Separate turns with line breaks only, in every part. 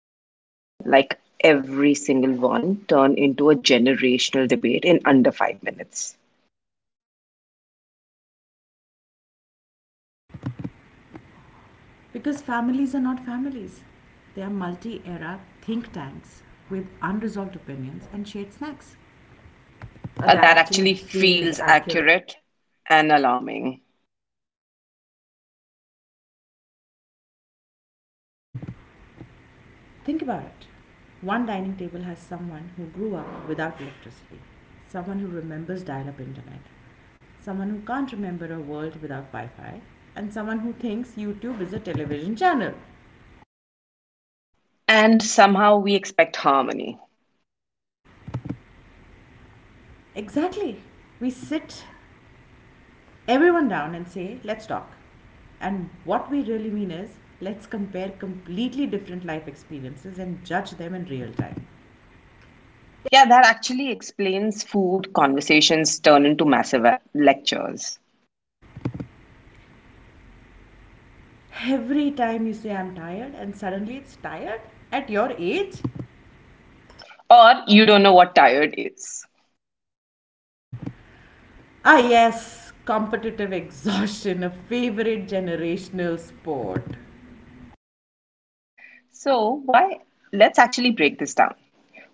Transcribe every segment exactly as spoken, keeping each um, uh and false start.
conversation, like every single one, turn into a generational debate in under five minutes?
Because families are not families. They are multi era think tanks with unresolved opinions and shared snacks. Uh,
Uh,
that
that
actually
actually
feels
feels
accurate.
accurate and alarming.
Think about it. One dining table has someone who grew up without electricity, someone who remembers dial up internet, someone who can't remember a world without Wi Fi, and someone who thinks YouTube is a television channel.
And somehow we expect harmony.
Exactly. We sit everyone down and say, let's talk. And what we really mean is, let's compare completely different life experiences and judge them in real time.
Yeah, that actually explains food conversations turn into massive uh, lectures.
Every time you say, I'm tired, and suddenly it's tired at your age?
Or you don't know what tired is.
Ah, yes, competitive exhaustion, a favorite generational sport.
So, why let's actually break this down.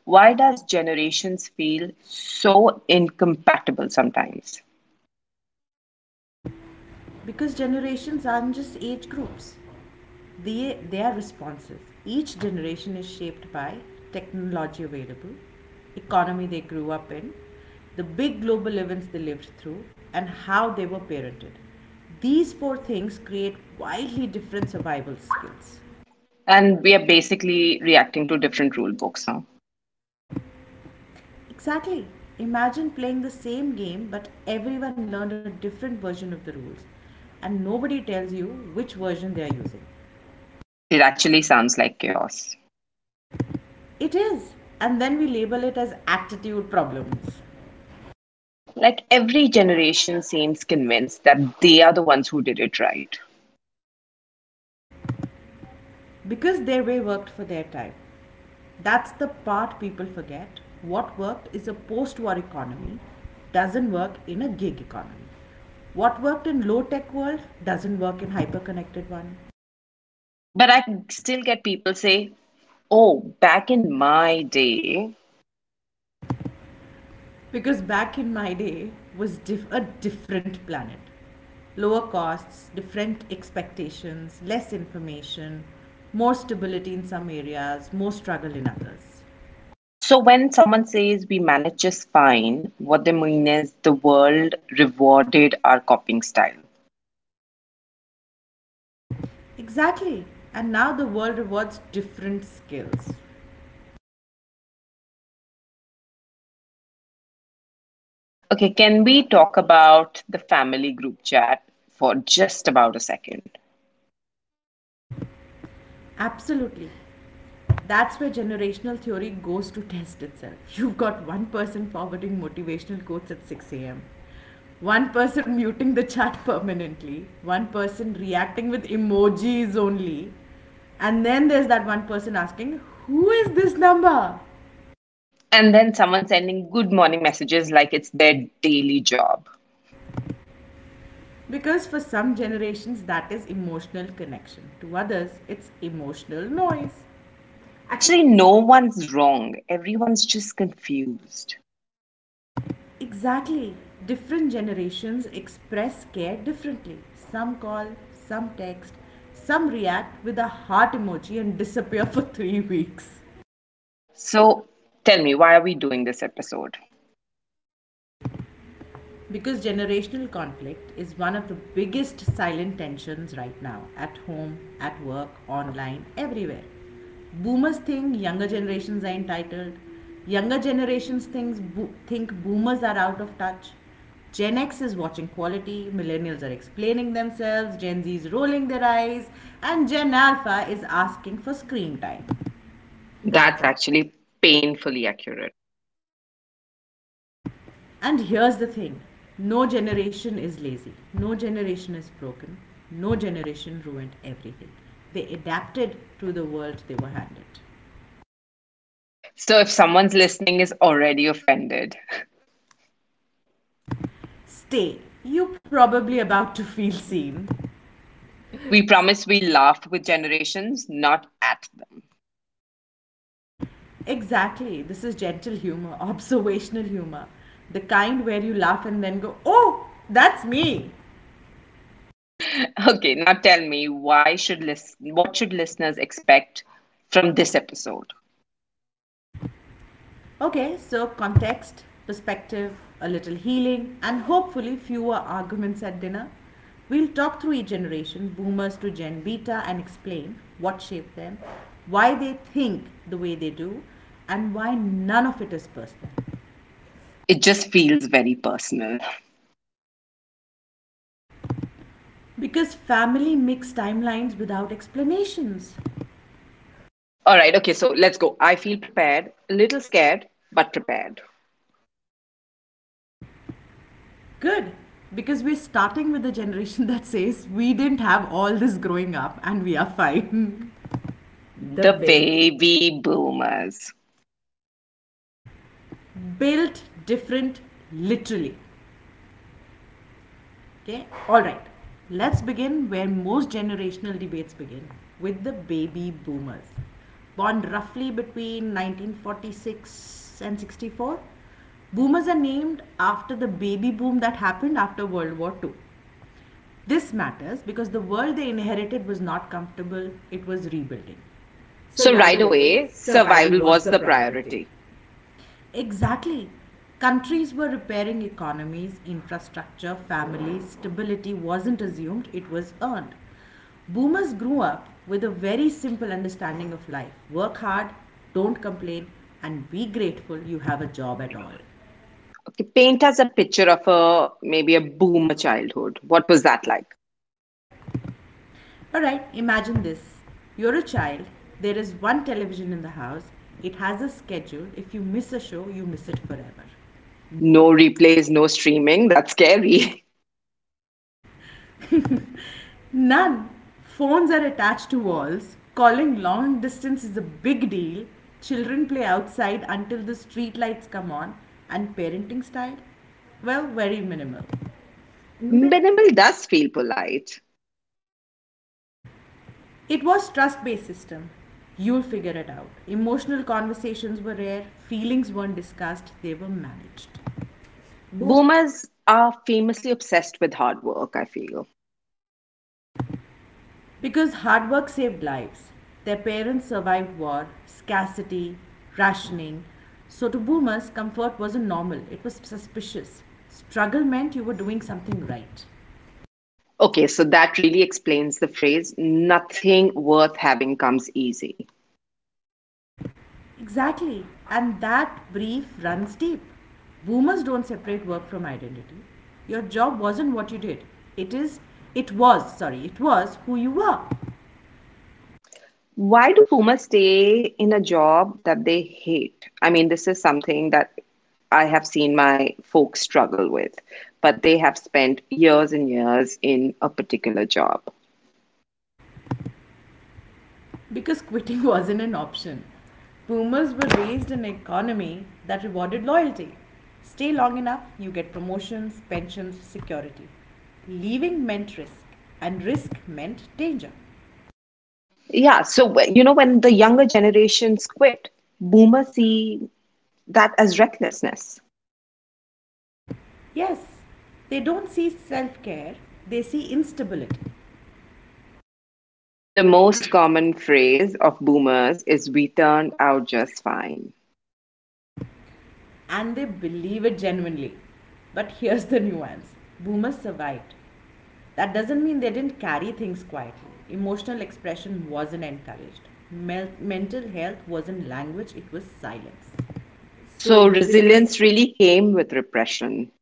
Why does generations feel so incompatible sometimes?
Because generations aren't just age groups, they, their responses. Each generation is shaped by technology available, economy they grew up in, the big global events they lived through, and how they were parented. These four things create wildly different survival skills.
And we are basically reacting to different rule books now.
Exactly. Imagine playing the same game, but everyone learned a different version of the rules, and nobody tells you which version they are using.
It actually sounds like chaos.
It is, and then we label it as attitude problems.
Like every generation seems convinced that they are the ones who did it right.
Because their way worked for their time. That's the part people forget. What worked is a post war economy, doesn't work in a gig economy. What worked in low tech world doesn't work in hyper connected one.
But I still get people say, "Oh, back in my day."
Because back in my day was diff- a different planet. Lower costs, different expectations, less information, more stability in some areas, more struggle in others.
So when someone says we manage just fine, what they mean is the world rewarded our copying style.
Exactly. And now the world rewards different skills.
Okay, can we talk about the family group chat for just about a second?
Absolutely. That's where generational theory goes to test itself. You've got one person forwarding motivational quotes at six a m, one person muting the chat permanently, one person reacting with emojis only, and then there's that one person asking, who is this number?
And then someone sending good morning messages like it's their daily job.
Because for some generations, that is emotional connection. To others, it's emotional noise. At
Actually, no one's wrong. Everyone's just confused.
Exactly. Different generations express care differently. Some call, some text, some react with a heart emoji and disappear for three weeks.
So tell me, why are we doing this episode?
Because generational conflict is one of the biggest silent tensions right now at home, at work, online, everywhere. Boomers think younger generations are entitled. Younger generations thinks bo- think boomers are out of touch. Gen X is watching quality, millennials are explaining themselves, Gen Z is rolling their eyes, and Gen Alpha is asking for screen time. That's
That's actually painfully accurate.
And here's the thing, no generation is lazy, no generation is broken, no generation ruined everything. They adapted to the world they were handed.
So if someone's listening is already offended,
Stay. You're probably about to feel seen.
we promise we laugh with generations, not at them.
Exactly. This is gentle humor, observational humor. The kind where you laugh and then go, oh, that's me.
Okay, now tell me why should list what should listeners expect from this episode?
Okay, so context, perspective, a little healing, and hopefully fewer arguments at dinner. We'll talk through each generation, boomers to Gen Beta, and explain what shaped them, why they think the way they do, and why none of it is personal.
It just feels very personal.
Because family makes timelines without explanations.
All right, okay, so let's go. I feel prepared, a little scared, but prepared.
Good, because we're starting with a generation that says we didn't have all this growing up and we are fine. The
The
way
baby boomers.
Built different, literally. Okay, all right. Let's begin where most generational debates begin with the baby boomers. Born roughly between nineteen forty-six and sixty-four, boomers are named after the baby boom that happened after World War Two. This matters because the world they inherited was not comfortable, it was rebuilding. So
So
right
right
away,
away,
survival
survival
was
was
the
the
priority.
priority.
Exactly. Countries were repairing economies, infrastructure, families, stability wasn't assumed, it was earned. Boomers grew up with a very simple understanding of life work hard, don't complain, and be grateful you have a job at
Okay,
all.
paint us a picture of a maybe a boomer childhood. What was that like?
Alright, imagine this, you're a child, there is one television in the house, it has a schedule. If you miss a show, you miss it forever.
No replays, no streaming. That's scary.
None. Phones are attached to walls. Calling long distance is a big deal. Children play outside until the street lights come on. And parenting style? Well, very minimal.
Minimal does feel polite.
It was trust-based system. You'll figure it out. Emotional conversations were rare. Feelings weren't discussed. They were managed.
Boomers are famously obsessed with hard work, I feel.
Because hard work saved lives. Their parents survived war, scarcity, rationing. So to boomers, comfort wasn't normal, it was suspicious. Struggle meant you were doing something right.
Okay, so that really explains the phrase nothing worth having comes easy.
Exactly, and that brief runs deep. Boomers don't separate work from identity. Your job wasn't what you did. It is, it was, sorry, it was who you were.
Why do boomers stay in a job that they hate? I mean, this is something that I have seen my folks struggle with, but they have spent years and years in a particular job.
Because quitting wasn't an option. Boomers were raised in an economy that rewarded loyalty. Stay long enough, you get promotions, pensions, security. Leaving meant risk, and risk meant danger.
Yeah, so wh- you know, when the younger generations quit, boomers see that as recklessness.
Yes, they don't see self care, they see instability,
The most common phrase of boomers is we turned out just fine.
and they believe it genuinely. But here's the nuance, boomers survived. That doesn't mean they didn't carry things quietly. Emotional expression wasn't encouraged. Mel- mental health wasn't language, it was silence. So
So
resilience.
resilience really came with repression.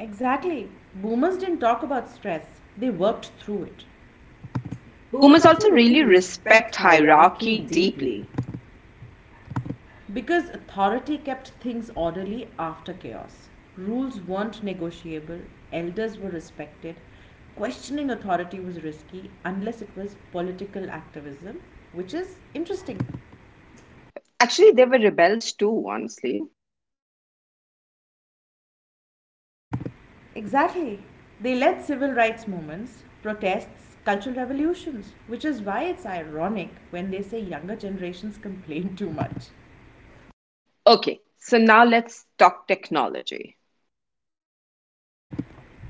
Exactly. Boomers didn't talk about stress, they worked through it. Boomers
Boomers
also
also
really
really
respect
respect
hierarchy
hierarchy
deeply.
deeply.
Because authority kept things orderly after chaos. Rules weren't negotiable, elders were respected, questioning authority was risky unless it was political activism, which is interesting.
Actually, they were rebels too, honestly.
Exactly. They led civil rights movements, protests, cultural revolutions, which is why it's ironic when they say younger generations complain too much.
Okay, so now let's talk technology.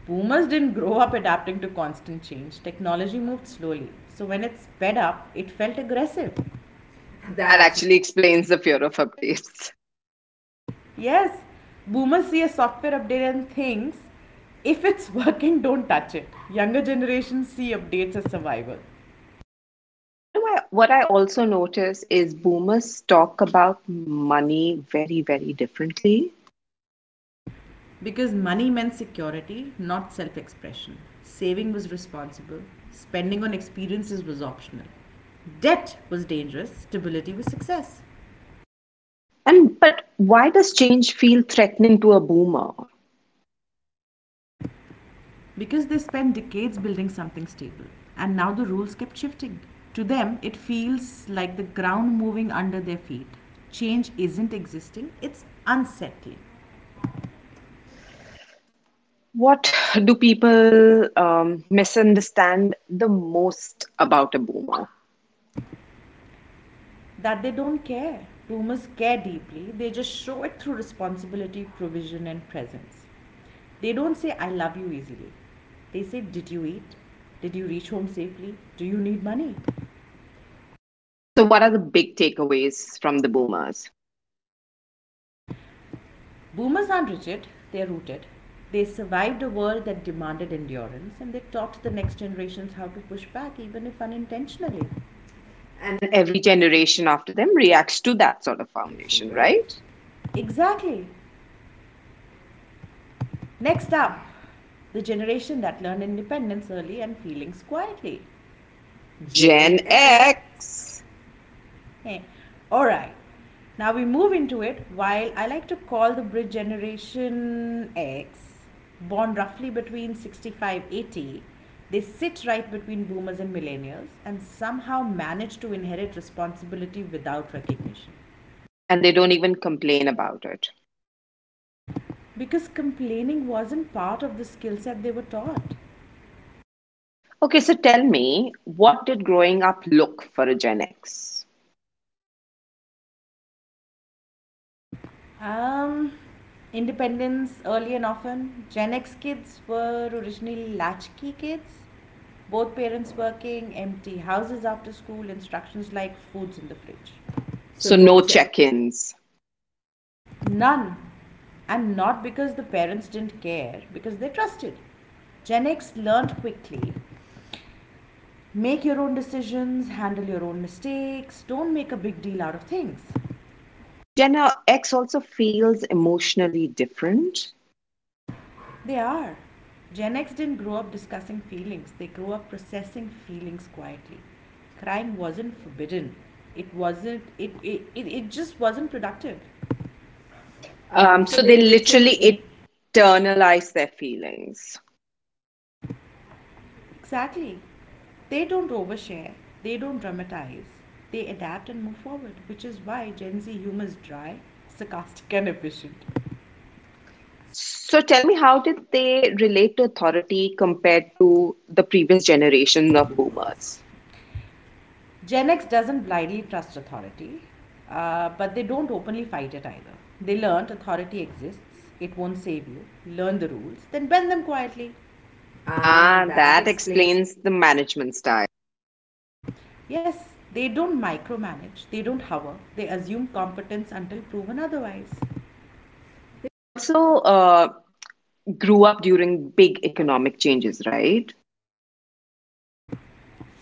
Boomers didn't grow up adapting to constant change. Technology moved slowly. So when it sped up, it felt aggressive. That
That
actually.
actually explains the fear of updates.
Yes, boomers see a software update and thinks, if it's working, don't touch it. Younger generations see updates as survival.
You know what? What I also notice is boomers talk about money very, very differently.
Because money meant security, not self expression. Saving was responsible, spending on experiences was optional. Debt was dangerous, stability was success.
And but why does change feel threatening to a boomer?
Because they spent decades building something stable, and now the rules kept shifting. To them, it feels like the ground moving under their feet. Change isn't existing, it's unsettling.
What do people um, misunderstand the most about a boomer?
That they don't care. Boomers care deeply, they just show it through responsibility, provision, and presence. They don't say, I love you easily. They say, did you eat? Did you reach home safely? Do you need money?
Okay, so what are the big takeaways from the boomers?
Boomers aren't rigid, they're rooted. They survived a world that demanded endurance and they taught the next generations how to push back, even if unintentionally. And
And every generation after them reacts to that sort of
foundation,
foundation,
right?
right?
Exactly. Next up, the generation that learned independence early and feelings quietly. Gen
Gen
X.
X,
Eh, all right. Now we move into it. While I like to call the bridge generation X, born roughly between sixty-five eighty, they sit right between boomers and millennials and somehow manage to inherit responsibility without recognition.
and they don't even complain about it.
Because complaining wasn't part of the skill set they were taught.
Okay, so tell me, what did growing up look for a Gen X?
Um, Independence early and often. Gen X kids were originally latchkey kids. Both parents working, empty houses after school, instructions like foods in the fridge. So
So
no
no
check.
check-ins.
None. And not because the parents didn't care, because they trusted. Gen X learned quickly, make your own decisions, handle your own mistakes, don't make a big deal out of things.
Gen X also feels emotionally different.
They are. Gen X didn't grow up discussing feelings, they grew up processing feelings quietly. Crying wasn't forbidden. It wasn't, it, it, it, it just wasn't productive.
Um,
Um,
so
so they
they
literally
literally
it
internalize their feelings.
Exactly. They don't overshare, they don't dramatize, they adapt and move forward, which is why Gen Z humor is dry, sarcastic, and efficient.
So tell me, how did they relate to authority compared to the previous generation of boomers?
Gen X doesn't blindly trust authority, uh, but they don't openly fight it either. They learned authority exists, it won't save you, learn the rules, then bend them quietly. Ah,
Ah,
that
that
explains.
explains the management style.
Yes, they don't micromanage, they don't hover, they assume competence until proven otherwise.
They also uh, grew up during big economic changes, right?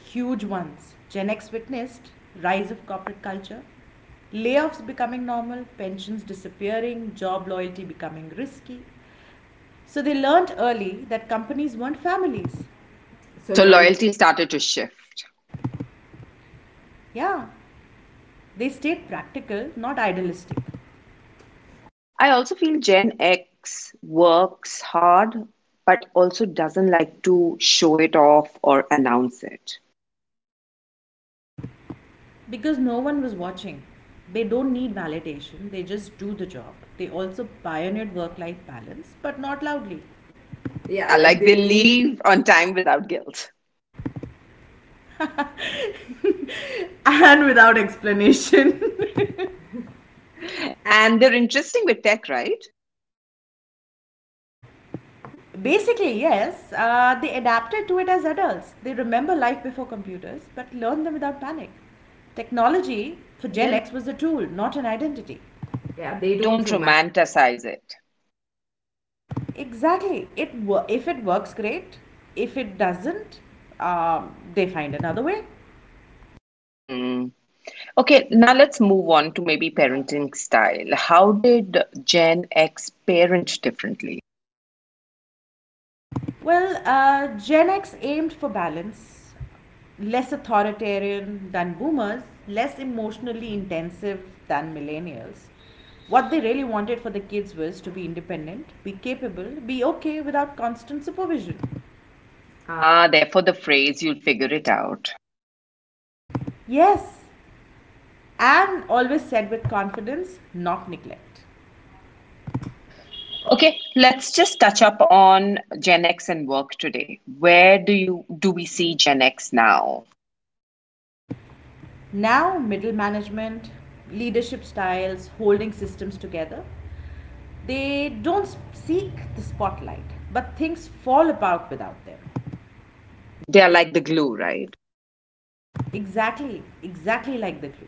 Huge ones. Gen X witnessed rise of corporate culture, layoffs becoming normal, pensions disappearing, job loyalty becoming risky. So they learned early that companies weren't families. So
So
loyalty.
loyalty started to shift.
Yeah, they stayed practical, not idealistic,
I also feel Gen X works hard, but also doesn't like to show it off or announce it.
because no one was watching. They don't need validation, they just do the job. They also pioneered work life balance, but not loudly. Yeah,
Yeah,
like
like
they
they
leave.
leave on time without guilt.
And without explanation.
And they're interesting with tech, right?
Basically, yes. Uh, they adapted to it as adults. They remember life before computers, but learn them without panic. Technology for
For
Gen
dinner.
X was a tool, not an identity. Yeah,
Yeah,
they
they
don't
don't
romanticize.
romanticize it.
Exactly. It wo- if it works, great. If it doesn't, um, they find another way.
Hmm. Okay, now let's move on to maybe parenting style. How did Gen X parent differently?
Well, uh, Gen X aimed for balance, less authoritarian than boomers, less emotionally intensive than millennials. What they really wanted for the kids was to be independent, be capable, be okay without constant supervision. Ah.
Ah, therefore the phrase, you'll figure it out.
Yes, and always said with confidence, not neglect.
Okay, let's just touch up on Gen X and work today. Where do you do we see Gen X now?
Now, middle management, leadership styles, holding systems together, they don't seek the spotlight, but things fall apart without them.
They're like the glue, right?
Exactly, exactly like the glue.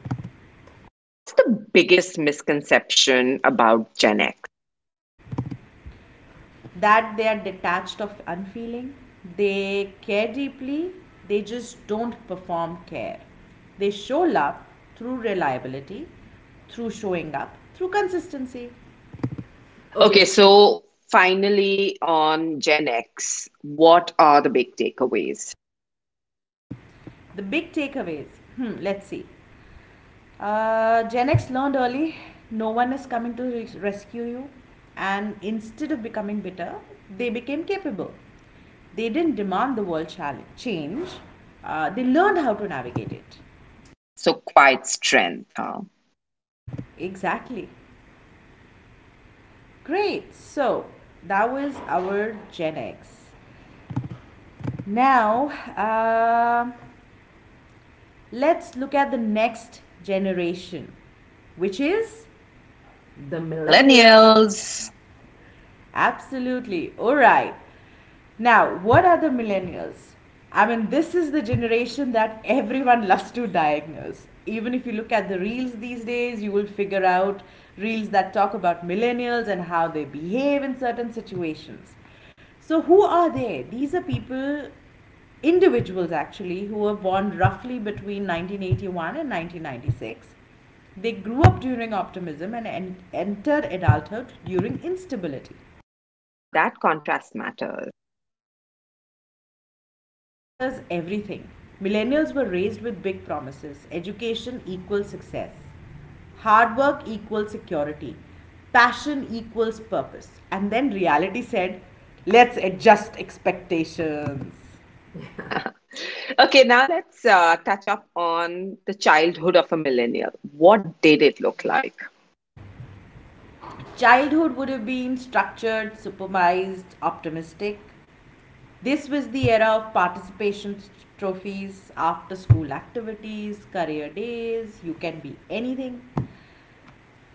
What's the biggest misconception about Gen X?
That they are detached of unfeeling, they care deeply, they just don't perform care, they show love through reliability, through showing up, through consistency. Okay,
Okay, so finally on Gen X, what are the big takeaways?
the big takeaways, hmm, let's see. Uh, gen x learned early, no one is coming to res- rescue you, and instead of becoming bitter they became capable. They didn't demand the world challenge change, uh, they learned how to navigate it.
So, quiet strength, huh?
Exactly. Great. So that was our Gen X. Now, uh, let's look at the next generation, which is the
The
millennials.
millennials.
Absolutely, all right. Now, what are the millennials? I mean, this is the generation that everyone loves to diagnose. Even if you look at the reels these days, you will figure out reels that talk about millennials and how they behave in certain situations. So, who are they? These are people, individuals actually, who were born roughly between nineteen eighty-one and nineteen ninety-six. They grew up during optimism and en- entered adulthood during instability.
Ah, that contrast matters.
It matters everything. Millennials were raised with big promises: education equals success, hard work equals security, passion equals purpose. And then reality said, let's adjust expectations.
Okay, now let's uh, touch up on the childhood of a millennial. What did it look like?
Childhood would have been structured, supervised, optimistic. This was the era of participation trophies, after school activities, career days, you can be anything.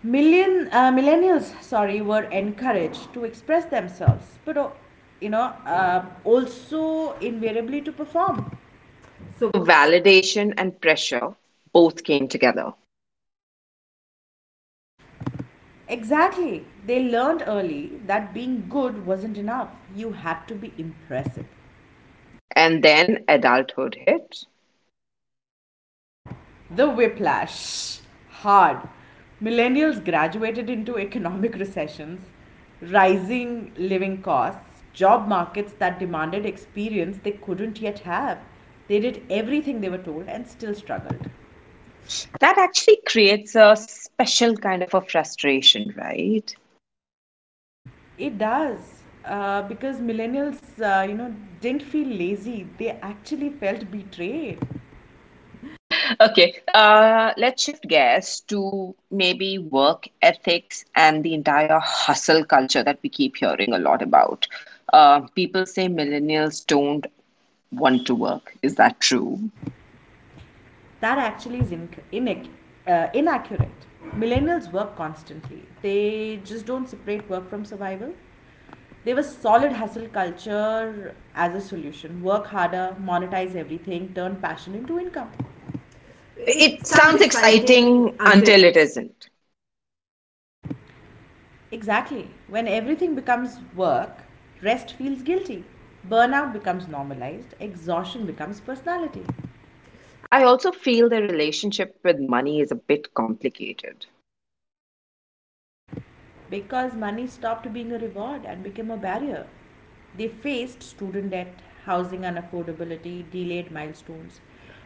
Million uh, millennials sorry were encouraged to express themselves, but uh, you know uh, also invariably to perform. So,
So, validation and pressure both came together.
exactly, they learned early that being good wasn't enough, you had to be impressive.
And then adulthood hit.
The whiplash hard, millennials graduated into economic recessions, rising living costs, job markets that demanded experience they couldn't yet have. They did everything they were told and still struggled.
That actually creates a special kind of a frustration, right?
It does. Uh, because millennials, uh, you know, didn't feel lazy. They actually felt betrayed.
Okay, uh, let's shift gears to maybe work ethics and the entire hustle culture that we keep hearing a lot about. Uh, people say millennials don't want to work. Is that true?
That actually is inc- inac- uh, inaccurate. Millennials work constantly. They just don't separate work from survival. They were solid hustle culture as a solution. Work harder, monetize everything, turn passion into income. It
It
sounds
sounds
exciting
exciting
until.
until it isn't.
Exactly. When everything becomes work, rest feels guilty. Burnout becomes normalized. Exhaustion becomes personality.
I also feel the relationship with money is a bit complicated,
Because money stopped being a reward and became a barrier. They faced student debt, housing unaffordability, delayed milestones.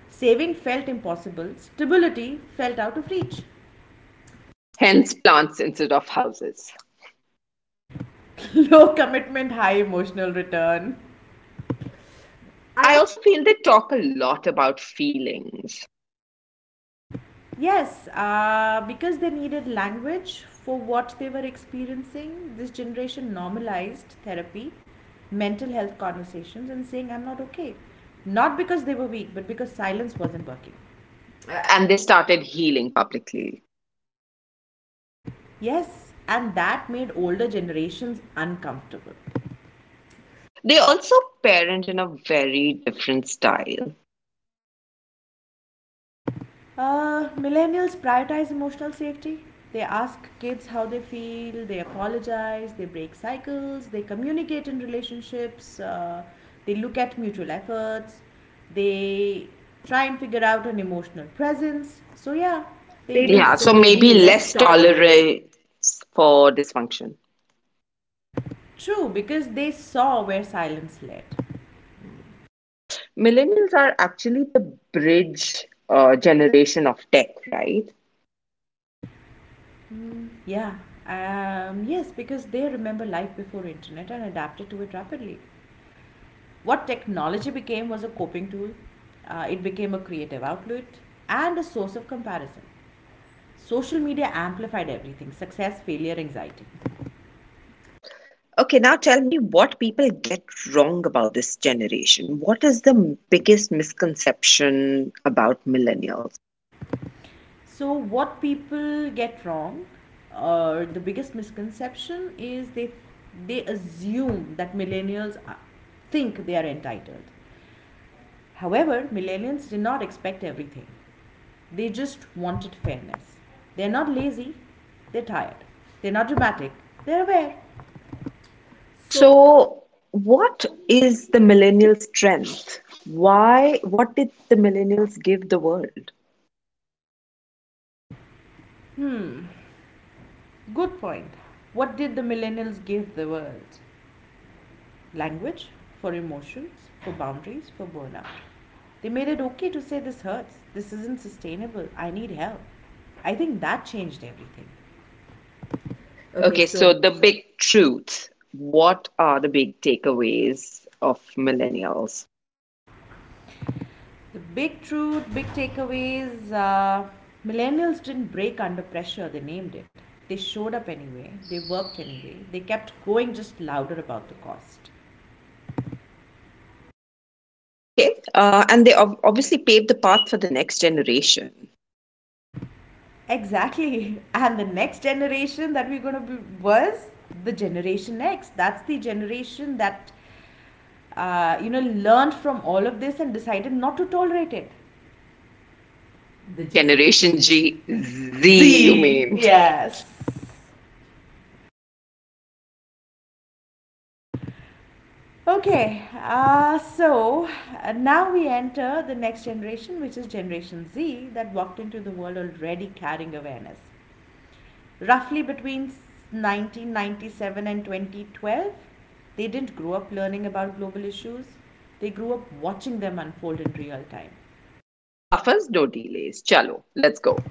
Saving felt impossible, stability felt out of reach.
hence plants instead of houses.
Low commitment, high emotional return.
I
I.
also feel they talk a lot about feelings,
Yes, uh, because they needed language for what they were experiencing, this generation normalized therapy, mental health conversations, and saying, I'm not okay. Not because they were weak, but because silence wasn't working.
uh,
Uh,
and they started healing publicly.
Yes, and that made older generations uncomfortable.
They also parent in a very different style.
Uh, millennials prioritize emotional safety. They ask kids how they feel, they apologize, they break cycles, they communicate in relationships, uh, they look at mutual efforts, they try and figure out an emotional presence. So, yeah, they
They
do.
do. Yeah,
Yeah, so
so
maybe
maybe
less
less
tolerant.
tolerance for dysfunction.
True, because they saw where silence led.
Millennials are actually the bridge uh, generation of tech, right?
Yeah. Um, yes, because they remember life before internet and adapted to it rapidly. What technology became was a coping tool, uh, it became a creative outlet and a source of comparison. Social media amplified everything: success, failure, anxiety.
Okay, now tell me what people get wrong about this generation. What is the biggest misconception about millennials?
So, what people get wrong, or uh, the biggest misconception, is they, they assume that millennials are- think they are entitled. However, millennials did not expect everything, they just wanted fairness. They're not lazy, they're tired. They're not dramatic, they're aware. So
So, what is the millennial strength? Why, what did the millennials give the world?
good point. What did the millennials give the world? Language for emotions, for boundaries, for burnout. They made it okay to say this hurts, this isn't sustainable, I need help. I think that changed everything. Okay,
Okay,
so
so the big truth. What are the big takeaways of millennials?
the big truth, big takeaways, uh, millennials didn't break under pressure, they named it. They showed up anyway, they worked anyway, they kept going, just louder about the cost.
Okay, uh, and they ob- obviously paved the path for the next generation.
Exactly. And the next generation that we're going to be was the generation X. That's the generation that, uh, you know, learned from all of this and decided not to tolerate it. The
The Generation
Generation G
G
Z.
Z, you
Z.
mean? Yeah.
Yes. Okay. Uh, so uh, now we enter the next generation, which is Generation Z, that walked into the world already carrying awareness. Roughly between nineteen ninety-seven and twenty twelve, they didn't grow up learning about global
Issues.
issues, they grew up watching them unfold in real time.
No buffers, no delays. Chalo, let's go.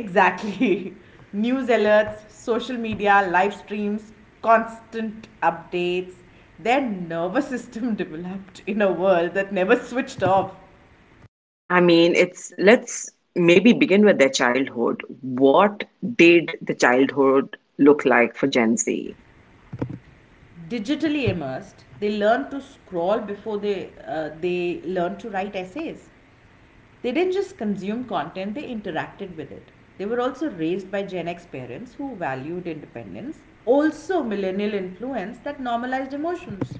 Exactly. News alerts, social media, live streams, constant updates. Their nervous system developed in a world that never switched off.
I mean, it's let's maybe begin with their childhood. What did the childhood look like for Gen Z?
Digitally immersed, they learn to scroll before they uh, they learn to write essays. They didn't just consume content, they interacted with it. They were also raised by Gen X parents who valued independence, also millennial influence that normalized emotions.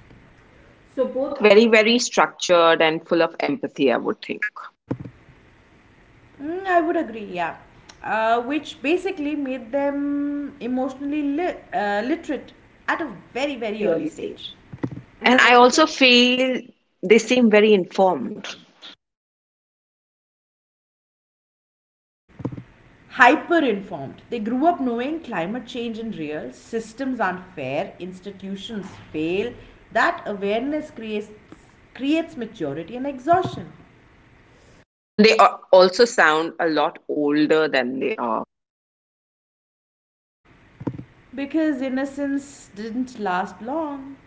So
So,
both.
both very, very structured and full of empathy, I would think.
Mm, I would agree, yeah. Uh, which basically made them emotionally li- uh, literate at a very,
Very,
very
very
early
early
stage.
stage.
And
And
I
I
also
also feel they seem very informed.
hyper informed. They grew up knowing climate change is real, systems aren't fair, institutions fail. That awareness creates creates maturity and exhaustion
And they a- also sound a lot older than they are.
because innocence didn't last long.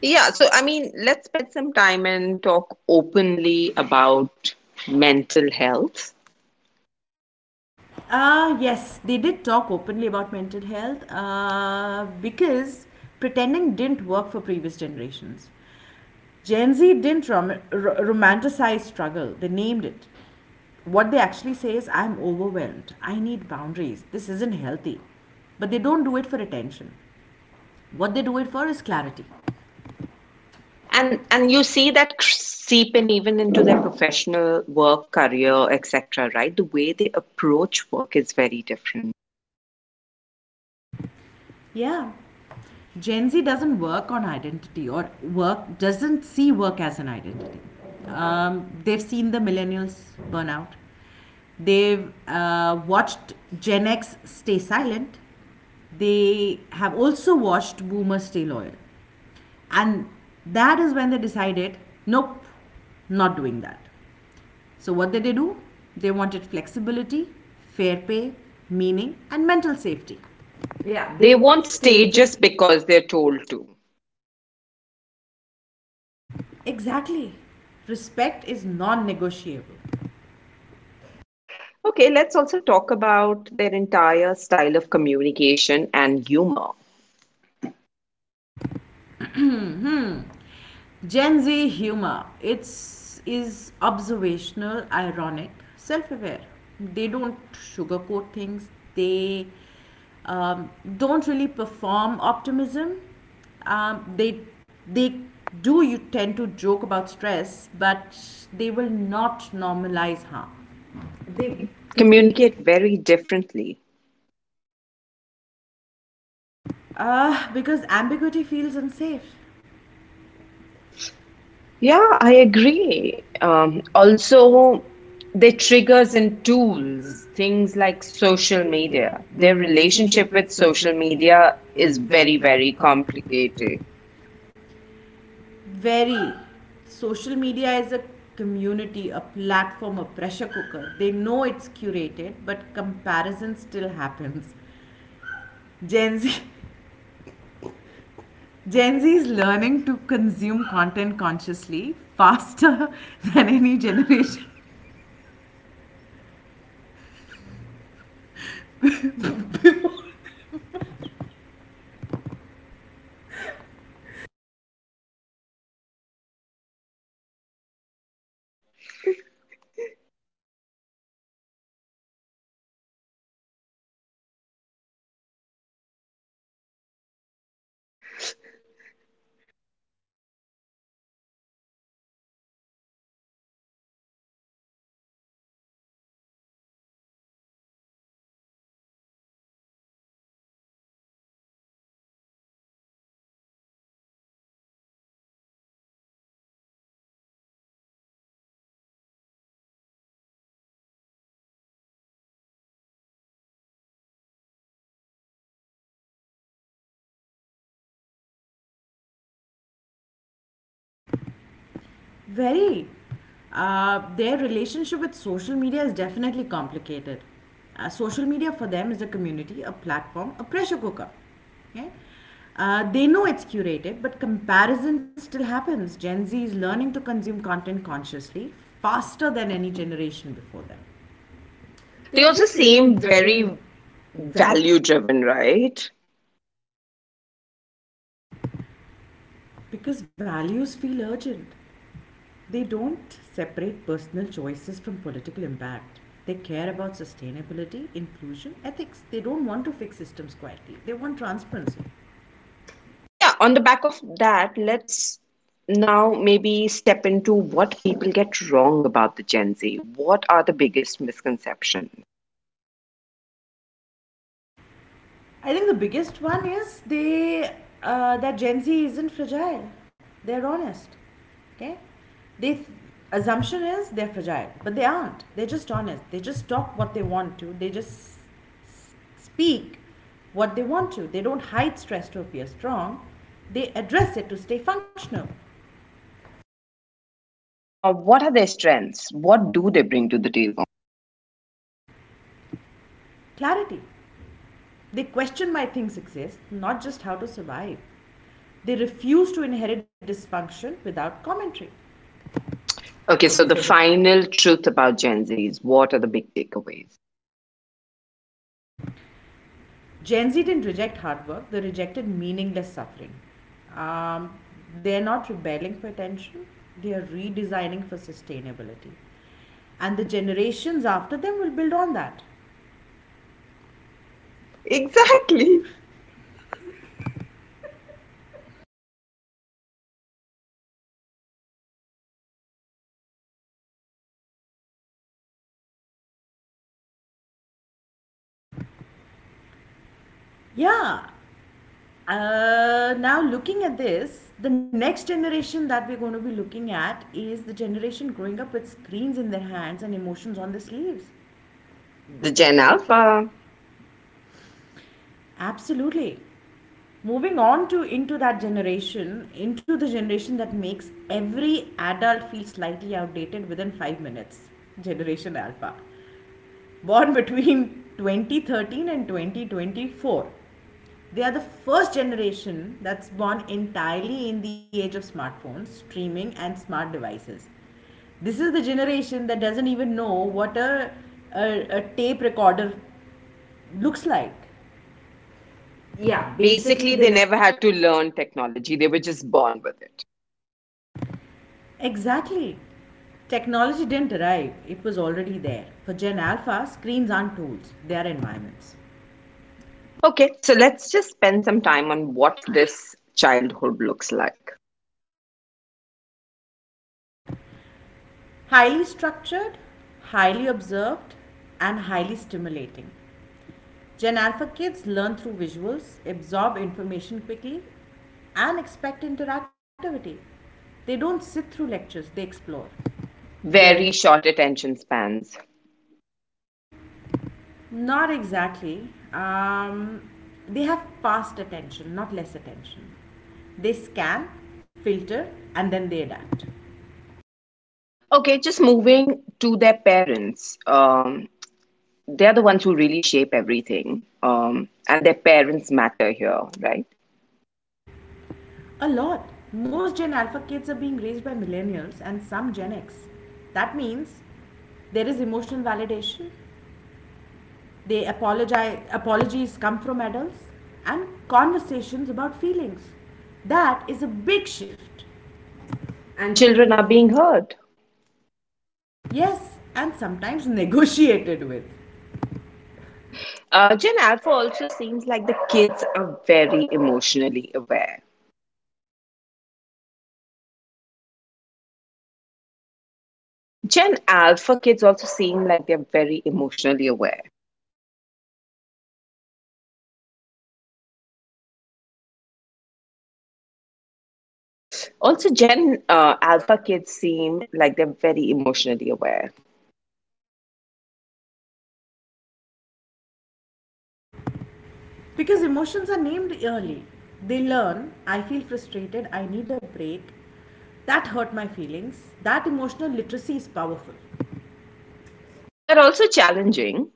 Yeah, so I mean, let's spend some time and talk openly about mental health.
Ah, yes, they did talk openly about mental health uh, because pretending didn't work for previous generations. Gen Z didn't rom- r- romanticize struggle, they named it. What they actually say is, I'm overwhelmed, I need boundaries, this isn't healthy. But they don't do it for attention. What they do it for is clarity. and
And and
and you
you
see.
see that seep seeping even into their professional work, career, et cetera, right? The way they approach work is very different.
Yeah, Gen Z doesn't work on identity or work doesn't see work as an identity. Um, they've seen the millennials burn out. They've uh, watched Gen X stay silent. They have also watched Boomers stay loyal, and that is when they decided, nope, not doing that. So what did they do? They wanted flexibility, fair pay, meaning, and mental safety. Yeah,
Yeah,
they
they
want
won't stay
stages.
just because they're told to.
Exactly. Respect is non-negotiable.
Okay, let's also talk about their entire style of communication and humor.
Hmm. Gen Z humor. It's is observational, ironic, self-aware. They don't sugarcoat things. They um, don't really perform optimism. Um, they they Do you tend to joke about stress, but they will not normalize harm. They
They
communicate.
communicate very differently.
Uh, because ambiguity feels unsafe. Yeah,
Yeah,
I
I
agree.
agree.
Um,
Um,
also,
also,
their
their
triggers
triggers
and
and
tools,
tools,
things
things
like
like
social
social
media,
media,
their
their
relationship
relationship with
with social
social
media
media
is
is
very,
very,
very
very
complicated.
complicated.
Very. Social media is a community, a platform, a pressure cooker. They know it's curated, but comparison still happens. Gen Z. Gen Z is learning to consume content consciously faster than any generation. Very. Uh, their relationship with social media is definitely complicated. Uh, social media for them is a community, a platform, a pressure cooker. Okay? Uh, they know it's curated, but comparison still happens. Gen Z is learning to consume content consciously faster than any generation before them.
They
They
also
also
seem
seem
very
very valid,
value driven, right?
because values feel urgent. They don't separate personal choices from political impact. They care about sustainability, inclusion, ethics. They don't want to fix systems quietly. They want transparency.
Yeah, on the back of that, let's now maybe step into what people get wrong about the Gen Z. What are the biggest misconceptions?
I think the biggest one is they uh, that Gen Z isn't fragile. They're honest. Okay, they th- assumption is they're fragile, but they aren't. They're just honest. They just talk what they want to. They just s- speak what they want to. They don't hide stress to appear strong. They address it to stay functional.
Uh, what are their strengths? What do they bring to the table?
Clarity. They question why things exist, not just how to survive. They refuse to inherit dysfunction without commentary. Okay,
Okay,
so
so
the
the final truth about Gen Z is what are the big takeaways?
Gen Z didn't reject hard work, they rejected meaningless suffering. Um, they're not rebelling for attention, they are redesigning for sustainability. And the generations after them will build on that.
Exactly.
Exactly. Yeah. Uh, now, looking at this, the next generation that we're going to be looking at is the generation growing up with screens in their hands and emotions on their sleeves. The
The
Gen
Gen
Alpha.
Alpha.
Absolutely. Moving on to into that generation, into the generation that makes every adult feel slightly outdated within five minutes. Generation Alpha. Born between twenty thirteen and twenty twenty-four. They are the first generation that's born entirely in the age of smartphones, streaming, and smart devices. This is the generation that doesn't even know what a, a, a tape recorder looks like.
Yeah,
Yeah, basically
basically, they
they ne-.
never had to learn technology, they were just born with it.
Exactly. Technology didn't arrive, it was already there. For Gen Alpha, screens aren't tools, they are environments.
Okay, so let's just spend some time on what this childhood looks like.
Highly structured, highly observed, and highly stimulating. Gen Alpha kids learn through visuals, absorb information quickly, and expect interactivity. They don't sit through lectures, they explore. Very.
Very short attention spans.
Not exactly. Um, they have past attention, not less attention. They scan, filter, and then they adapt.
Okay, just moving to their parents. Um, they're the ones who really shape everything, um, and their parents matter here, right?
A lot. Most Gen Alpha kids are being raised by millennials and some Gen X. That means there is emotional validation, they apologize, apologies come from adults and conversations about feelings. That is a big shift. And
And
children
children
are
are
being.
being heard.
Yes, and sometimes negotiated with.
Uh, Gen Alpha also seems like the kids are very emotionally aware. Gen Alpha kids also seem like they're very emotionally aware. Also, Gen uh, Alpha kids seem like they're very emotionally aware,
Because emotions are named early. They learn, I feel frustrated, I need a break, that hurt my feelings. That emotional literacy is powerful
but also challenging.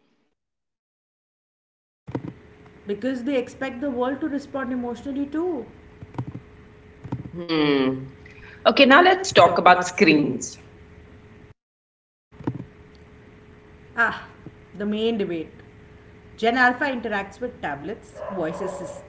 because they expect the world to respond emotionally too.
Hmm.
Okay,
Okay,
now
now
let's
let's
talk
talk
about
about
screens.
screens.
Ah, the main debate. Gen Alpha interacts with tablets, voice assist.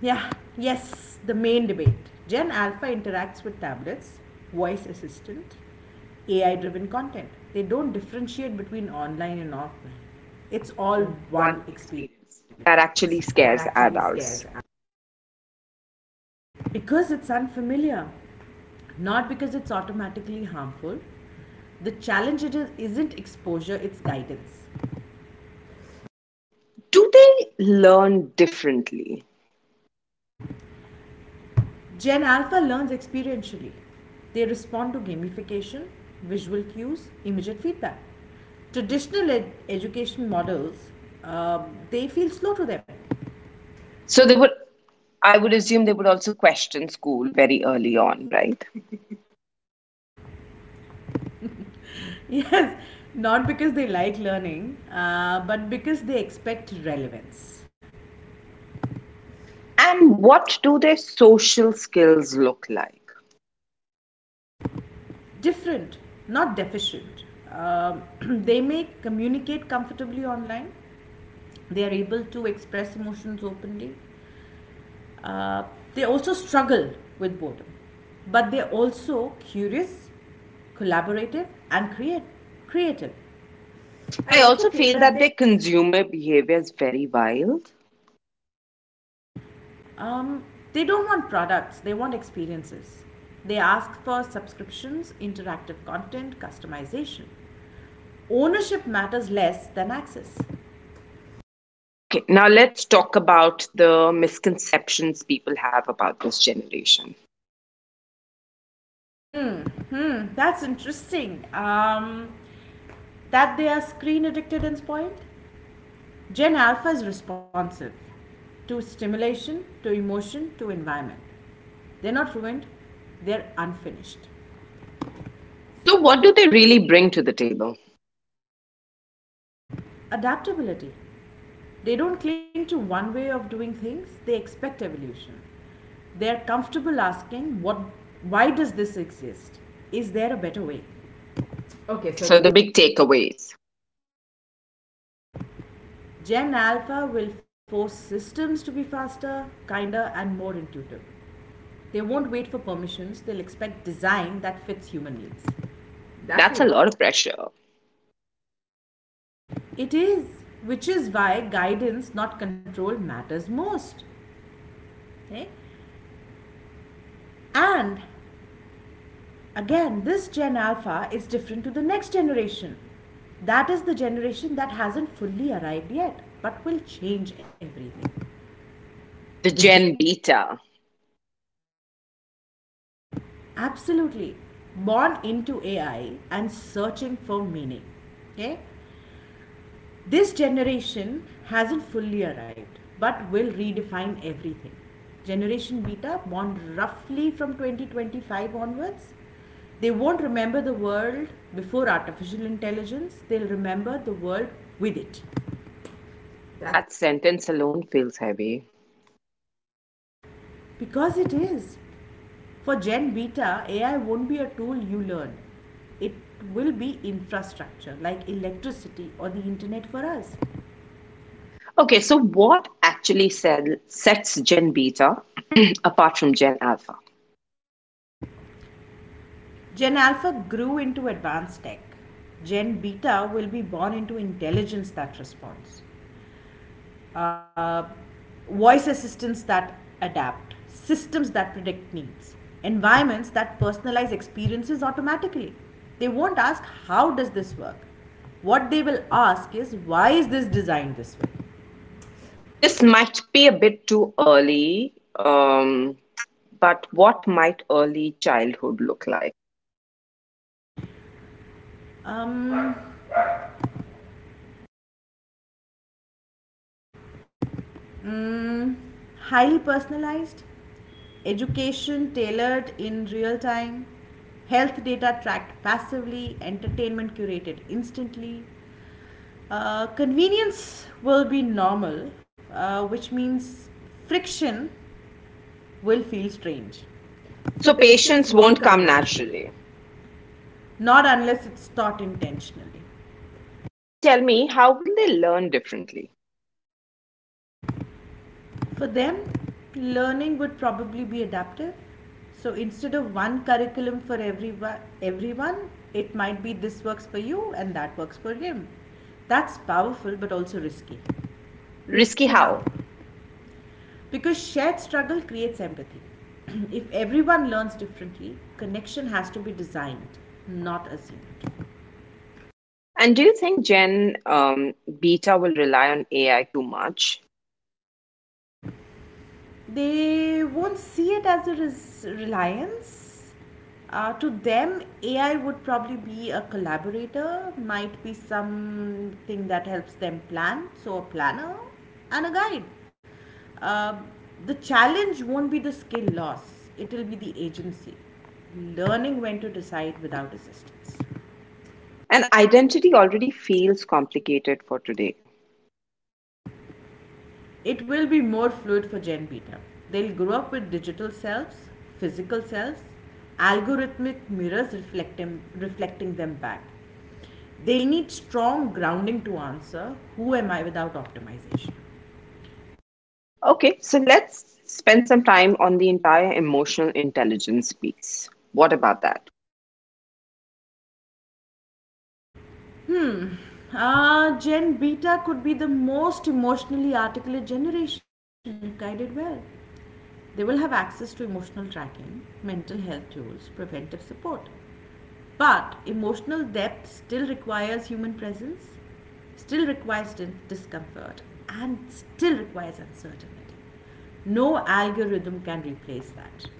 Yeah, yes, the main debate. Gen Alpha interacts with tablets, voice assistant, A I driven content. They don't differentiate between online and offline. It's all
All
one
one
experience.
experience
That
that
actually
actually
scares
scares
us,
adults.
because it's unfamiliar, not because it's automatically harmful. The challenge it is, isn't exposure, it's guidance.
Do they learn differently?
Gen Alpha learns experientially. They respond to gamification, visual cues, immediate feedback. Traditional ed- education models, uh, they feel slow to them. So
So they would, I would assume they would also question school very early on, right?
yes, not because they like learning, uh, but because they expect relevance.
And what do their social skills look like?
Different, not deficient. Um, they may communicate comfortably online. They are able to express emotions openly. Uh, they also struggle with boredom, but they're also curious, collaborative, and create, creative. I
I
also
also
feel
feel
that
that
they.
their consumer behavior is very wild.
Um, they don't want products, they want experiences. They ask for subscriptions, interactive content, customization. Ownership matters less than access.
Okay, now let's talk about the misconceptions people have about this generation.
Hmm, that's interesting. Um, that they are screen addicted and spoiled? Gen Alpha is responsive to stimulation, to emotion, to environment. They're not ruined, they're unfinished. So
So,
what
what
is.
do they really bring to the table?
Adaptability. They don't cling to one way of doing things, they expect evolution. They're comfortable asking what why does this exist? Is there a better way? Okay,
Okay,
so the
so the
big.
big takeaways.
Gen Alpha will force systems to be faster, kinder, and more intuitive. They won't wait for permissions, they'll expect design that fits human needs. That's a
That's a
lot.
lot of pressure.
It is, which is why guidance, not control, matters most. Eh? And again, this Gen Alpha is different to the next generation. That is the generation that hasn't fully arrived yet, but will change everything.
The Gen Beta.
Absolutely. Born into A I and searching for meaning. Okay? This generation hasn't fully arrived but will redefine everything. Generation Beta, born roughly from twenty twenty-five onwards, they won't remember the world before artificial intelligence, they'll remember the world with it. That's.
That sentence alone feels heavy.
Because it is. For Gen Beta, A I won't be a tool you learn. It will be infrastructure like electricity or the internet for us.
Okay, so what actually sell, sets Gen Beta apart from Gen Alpha?
Gen Alpha grew into advanced tech. Gen Beta will be born into intelligence that responds, uh, voice assistants that adapt, systems that predict needs, environments that personalize experiences automatically. They won't ask, how does this work? What they will ask is, why is this designed this way? This.
This might be a bit too early, um, but what might early childhood look like?
Um, Highly personalized, education tailored in real time, health data tracked passively, entertainment curated instantly. Uh, convenience will be normal, uh, which means friction will feel strange. So
So,
patients
patients
won't
won't
come
come
naturally.
naturally.
Not unless it's taught intentionally.
And tell me, how will they learn differently?
For them, learning would probably be adaptive. So instead of one curriculum for everyone, everyone, it might be this works for you and that works for him. That's powerful but also risky. Risky
Risky
how?
how?
Because shared struggle creates empathy. if everyone learns differently, connection has to be designed, not assumed.
And do you think Gen um, Beta will rely on A I too much?
They won't see it as a res- reliance. Uh, to them, A I would probably be a collaborator, might be something that helps them plan, so a planner and a guide. Uh, the challenge won't be the skill loss, it will be the agency, learning when to decide without assistance.
And identity already feels complicated for today.
It will be more fluid for Gen Beta. They'll grow up with digital selves, physical selves, algorithmic mirrors reflecting, reflecting them back. They'll need strong grounding to answer who am I without optimization.
Okay, so let's spend some time on the entire emotional intelligence piece. What about that?
Ah, Gen Beta could be the most emotionally articulate generation if guided well. They will have access to emotional tracking, mental health tools, preventive support. But emotional depth still requires human presence, still requires discomfort, and still requires uncertainty. No algorithm can replace that.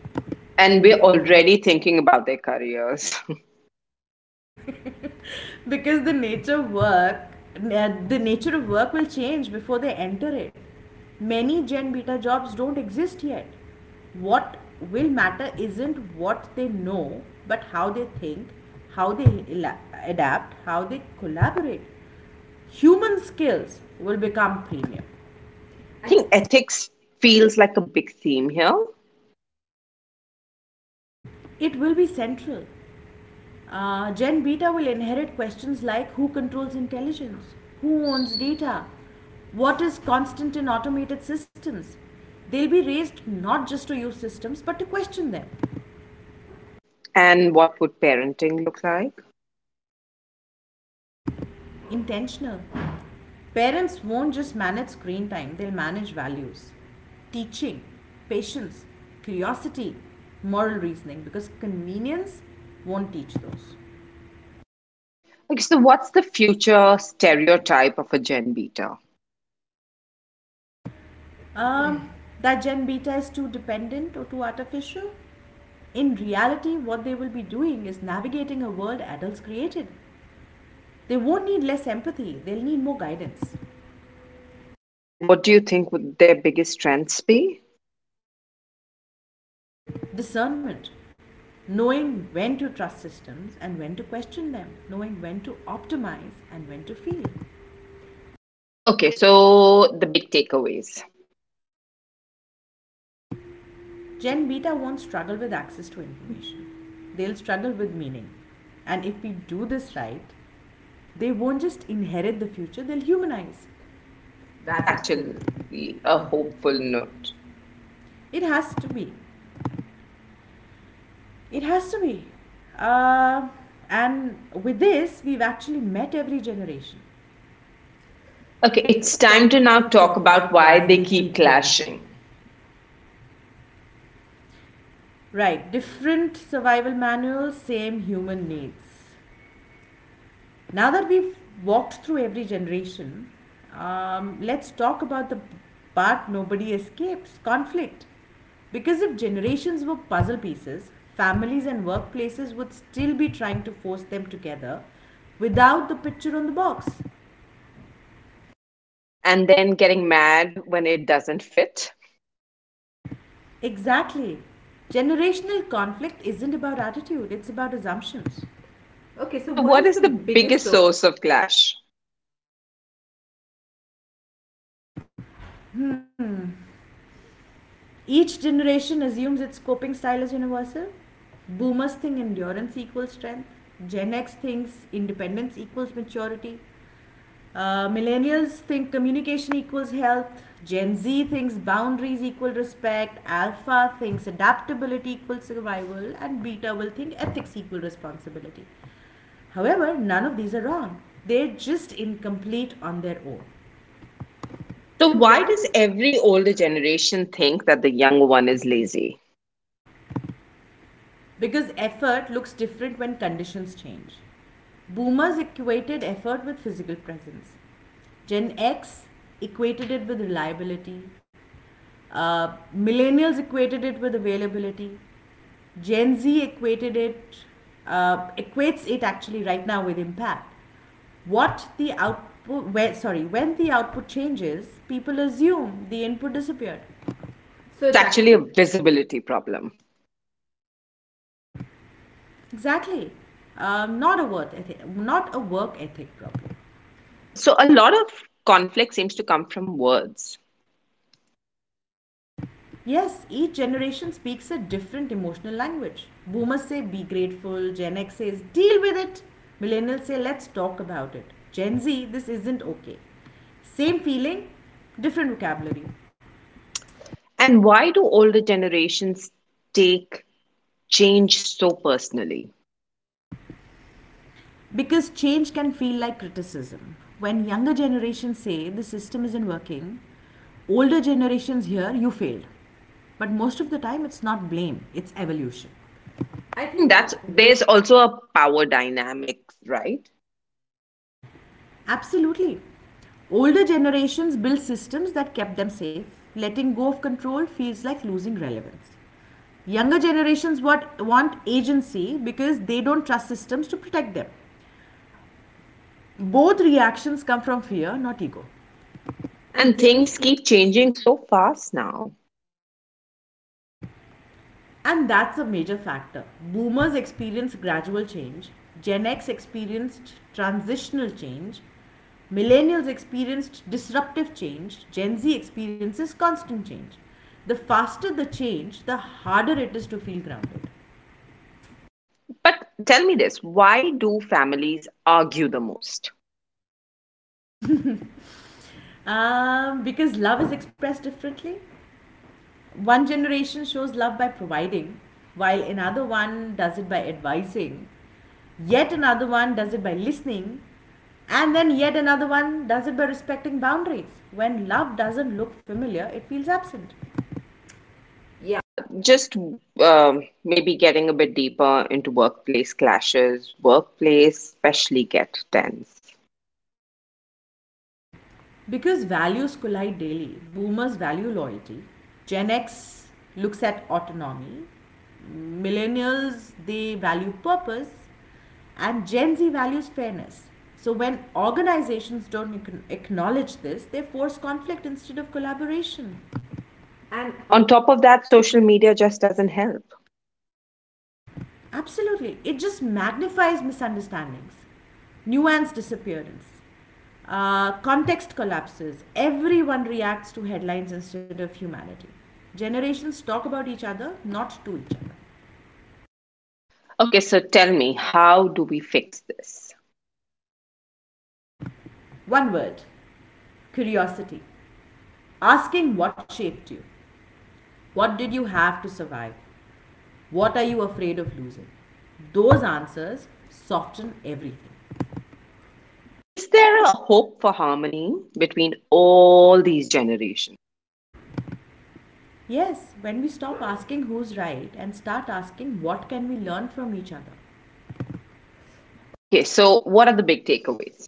And we're
And we're already.
already thinking about their careers.
Because the nature work uh, the nature of work will change before they enter it. Many Gen Beta jobs don't exist yet. What will matter isn't what they know but how they think, how they adapt, how they collaborate. Human skills will become premium.
I
I
think
think
ethics feels like a big theme here.
it will be central. Uh, Gen Beta will inherit questions like who controls intelligence, who owns data, what is constant in automated systems. They'll be raised not just to use systems but to question them.
And what would parenting look like?
Intentional. Parents won't just manage screen time, they'll manage values. Teaching, patience, curiosity, moral reasoning because convenience won't teach those.
Okay, so what's the future stereotype of a Gen Beta?
um, that Gen Beta is too dependent or too artificial. In reality, what they will be doing is navigating a world adults created. They won't need less empathy, they'll need more guidance,
And what do you think would their biggest strengths be?
discernment, knowing when to trust systems and when to question them, knowing when to optimize and when to feel.
Okay, so the big takeaways.
Gen Beta won't struggle with access to information, they'll struggle with meaning. And if we do this right, they won't just inherit the future, they'll humanize.
That's
That's actually
actually a
a
hopeful
hopeful note.
note.
It has to be. It has to be. Uh, and with this, we've actually met every generation.
Okay,
Okay,
it's
it's
time
time
to
to
now
now
talk
talk
about
about
why
why
they
they
keep
keep clashing.
clashing
Right, different survival manuals, same human needs. Now that we've walked through every generation, um, let's talk about the part nobody escapes conflict. Because if generations were puzzle pieces, families and workplaces would still be trying to force them together without the picture on the box.
and then getting mad when it doesn't fit.
Exactly. Generational conflict isn't about attitude, it's about assumptions. Okay,
Okay, so
so
what
what
is
is the
the biggest
biggest source?
source of clash?
Each generation assumes its coping style is universal. Boomers think endurance equals strength. Gen X thinks independence equals maturity. Uh, millennials think communication equals health. Gen Z thinks boundaries equal respect. Alpha thinks adaptability equals survival. And beta will think ethics equal responsibility. However, none of these are wrong. They're just incomplete on their own.
So,
So
why
why
does
does.
every older generation think that the younger one is lazy?
Because effort looks different when conditions change. Boomers equated effort with physical presence. Gen X equated it with reliability. Uh, millennials equated it with availability. Gen Z equated it, uh, equates it actually right now with impact. What the output, where, sorry, When the output changes, people assume the input disappeared.
So,
So
it's
it's actually.
actually a visibility problem.
Exactly. Um, not a work ethic, not a work ethic problem.
So, a lot of conflict seems to come from words.
Yes, each generation speaks a different emotional language. Boomers say be grateful, Gen X says deal with it, millennials say let's talk about it, Gen Z this isn't okay. Same feeling, different vocabulary.
And why do older generations take change so personally?
Because change can feel like criticism. When younger generations say the system isn't working, older generations hear you failed. But most of the time it's not blame, it's evolution.
I
I
think
think
that's
that's.
there's also a power dynamic, right?
Absolutely. Older generations built systems that kept them safe. Letting go of control feels like losing relevance. Younger generations want, want agency because they don't trust systems to protect them. Both reactions come from fear, not ego. And
And
things
things
keep.
keep changing so fast now.
And that's a major factor. Boomers experienced gradual change, Gen X experienced transitional change, millennials experienced disruptive change, Gen Z experiences constant change. The faster the change, the harder it is to feel grounded.
But tell me this, why do families argue the most?
Um, because love is expressed differently. One generation shows love by providing, while another one does it by advising, yet another one does it by listening. And then yet another one does it by respecting boundaries. When love doesn't look familiar, it feels absent. Yeah.
Yeah, just um, maybe getting a bit deeper into workplace clashes, workplace especially get tense.
Because values collide daily. Boomers value loyalty. Gen X looks at autonomy. Millennials, they value purpose. And Gen Z values fairness. So when organizations don't acknowledge this, they force conflict instead of collaboration. And
And
on.
on top of that, social media just doesn't help.
Absolutely. It just magnifies misunderstandings, nuanced disappearance, uh, context collapses. Everyone reacts to headlines instead of humanity. Generations talk about each other, not to each other.
Okay, so tell me, how do we fix this?
One word, curiosity. Asking what shaped you, what did you have to survive, what are you afraid of losing. Those answers soften everything.
Is there a hope for harmony between all these generations?
Yes, when we stop asking who's right and start asking what can we learn from each other.
Okay, so what are the big takeaways?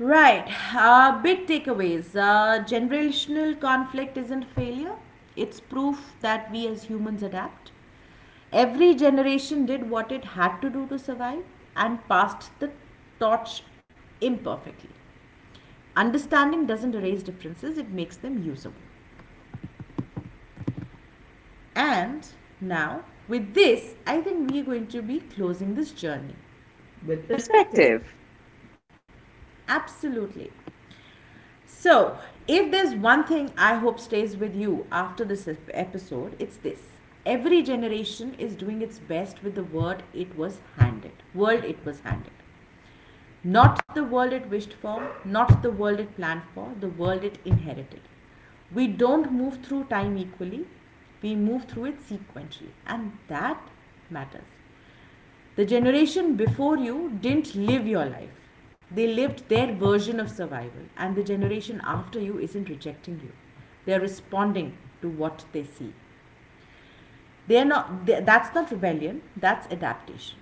Right. Uh, big takeaways. Uh, generational conflict isn't failure, it's proof that we as humans adapt. Every generation did what it had to do to survive and passed the torch imperfectly. Understanding doesn't erase differences, it makes them usable. And now, with this, I think we're going to be closing this journey. With
With
perspective.
perspective,
Absolutely. So, if there's one thing I hope stays with you after this episode, it's this. Every generation is doing its best with the word it was handed, world it was handed. Not the world it wished for, not the world it planned for, the world it inherited. We don't move through time equally, we move through it sequentially, and that matters. The generation before you didn't live your life. They lived their version of survival, and the generation after you isn't rejecting you. They're responding to what they see. They're not, they- That's not rebellion, that's adaptation.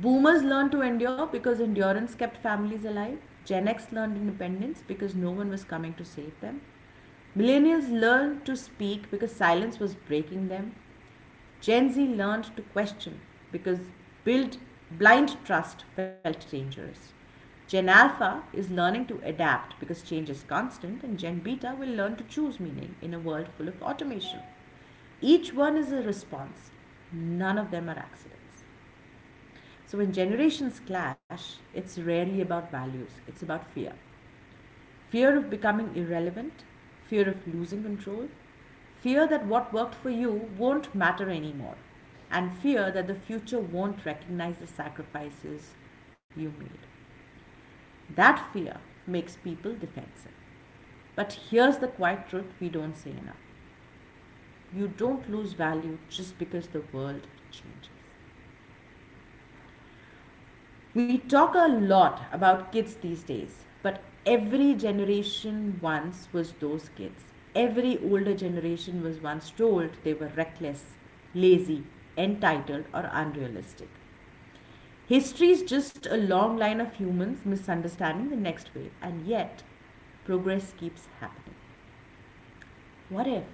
Boomers learned to endure because endurance kept families alive. Gen X learned independence because no one was coming to save them. Millennials learned to speak because silence was breaking them. Gen Z learned to question because build blind trust felt dangerous. Gen Alpha is learning to adapt because change is constant, and Gen Beta will learn to choose meaning in a world full of automation. Each one is a response, none of them are accidents. So, when generations clash, it's rarely about values, it's about fear, fear of becoming irrelevant, fear of losing control, fear that what worked for you won't matter anymore, and fear that the future won't recognize the sacrifices you made. That fear makes people defensive. But here's the quiet truth we don't say enough, you don't lose value just because the world changes. We talk a lot about kids these days, but every generation once was those kids. Every older generation was once told they were reckless, lazy, entitled, or unrealistic. History is just a long line of humans misunderstanding the next wave, and yet progress keeps happening. What if,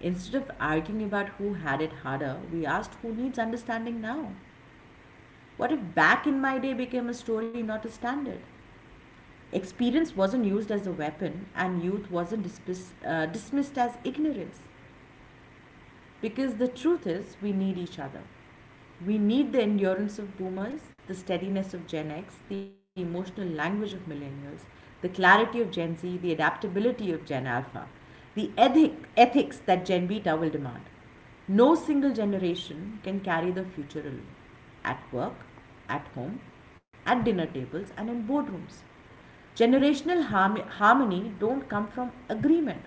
instead of arguing about who had it harder, we asked who needs understanding now? What if back in my day became a story, not a standard? Experience wasn't used as a weapon, and youth wasn't dismiss, uh, dismissed as ignorance. Because the truth is, we need each other. We need the endurance of boomers, the steadiness of Gen X, the emotional language of millennials, the clarity of Gen Z, the adaptability of Gen Alpha, the ethic, ethics that Gen Beta will demand. No single generation can carry the future alone, at work, at home, at dinner tables, and in boardrooms. Generational harmony don't come from agreement.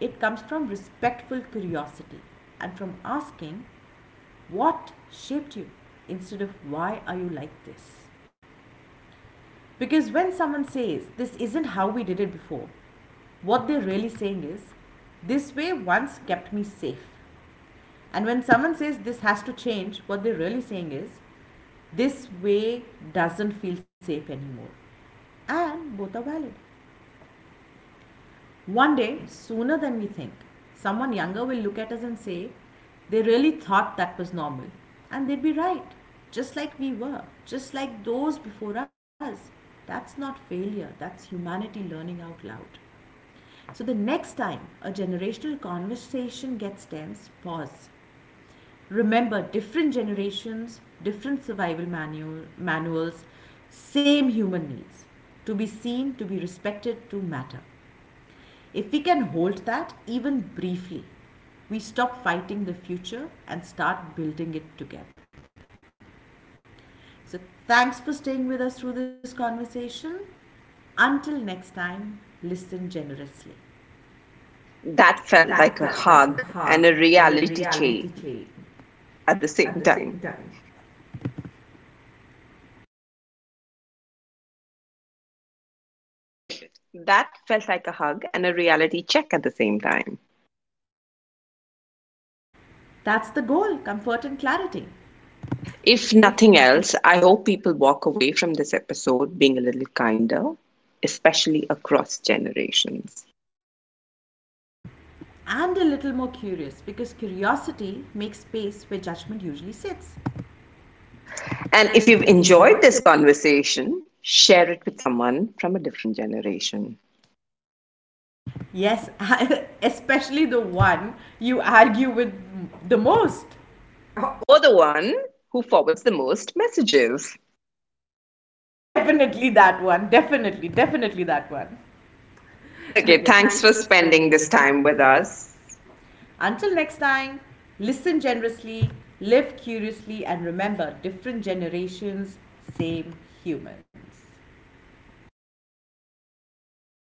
It comes from respectful curiosity and from asking what shaped you instead of why are you like this. Because when someone says this isn't how we did it before, what they're really saying is this way once kept me safe. And when someone says this has to change, what they're really saying is this way doesn't feel safe anymore. And both are valid. One day, sooner than we think, someone younger will look at us and say, they really thought that was normal. And they'd be right, just like we were, just like those before us. That's not failure, that's humanity learning out loud. So the next time a generational conversation gets tense, pause. Remember, different generations, different survival manual, manuals, same human needs to be seen, to be respected, to matter. If we can hold that even briefly, we stop fighting the future and start building it together. So, thanks for staying with us through this conversation. Until next time, listen generously.
that felt
That
like a
felt like a
hug and
hug
a
and a
reality
reality
check
check
at the same
at the
time.
same time.
That felt like a hug and a reality check at the same time.
That's the goal, comfort and clarity.
If
If
nothing
nothing.
else, I hope people walk away from this episode being a little kinder, especially across generations.
And a little more curious because curiosity makes space where judgment usually sits.
And if
And
you've
if you've
enjoyed this
enjoyed this.
conversation, share it with someone from a different generation
Yes, especially the one you argue with the most. Oh.
or the one who forwards the most messages.
Definitely that one. Definitely, definitely that one.
Okay,
Okay,
thanks
thanks
for
for
spending
spending
this
this
time
time
with
with us.
us.
Until next time, listen generously, live curiously, and remember, different generations, same humans.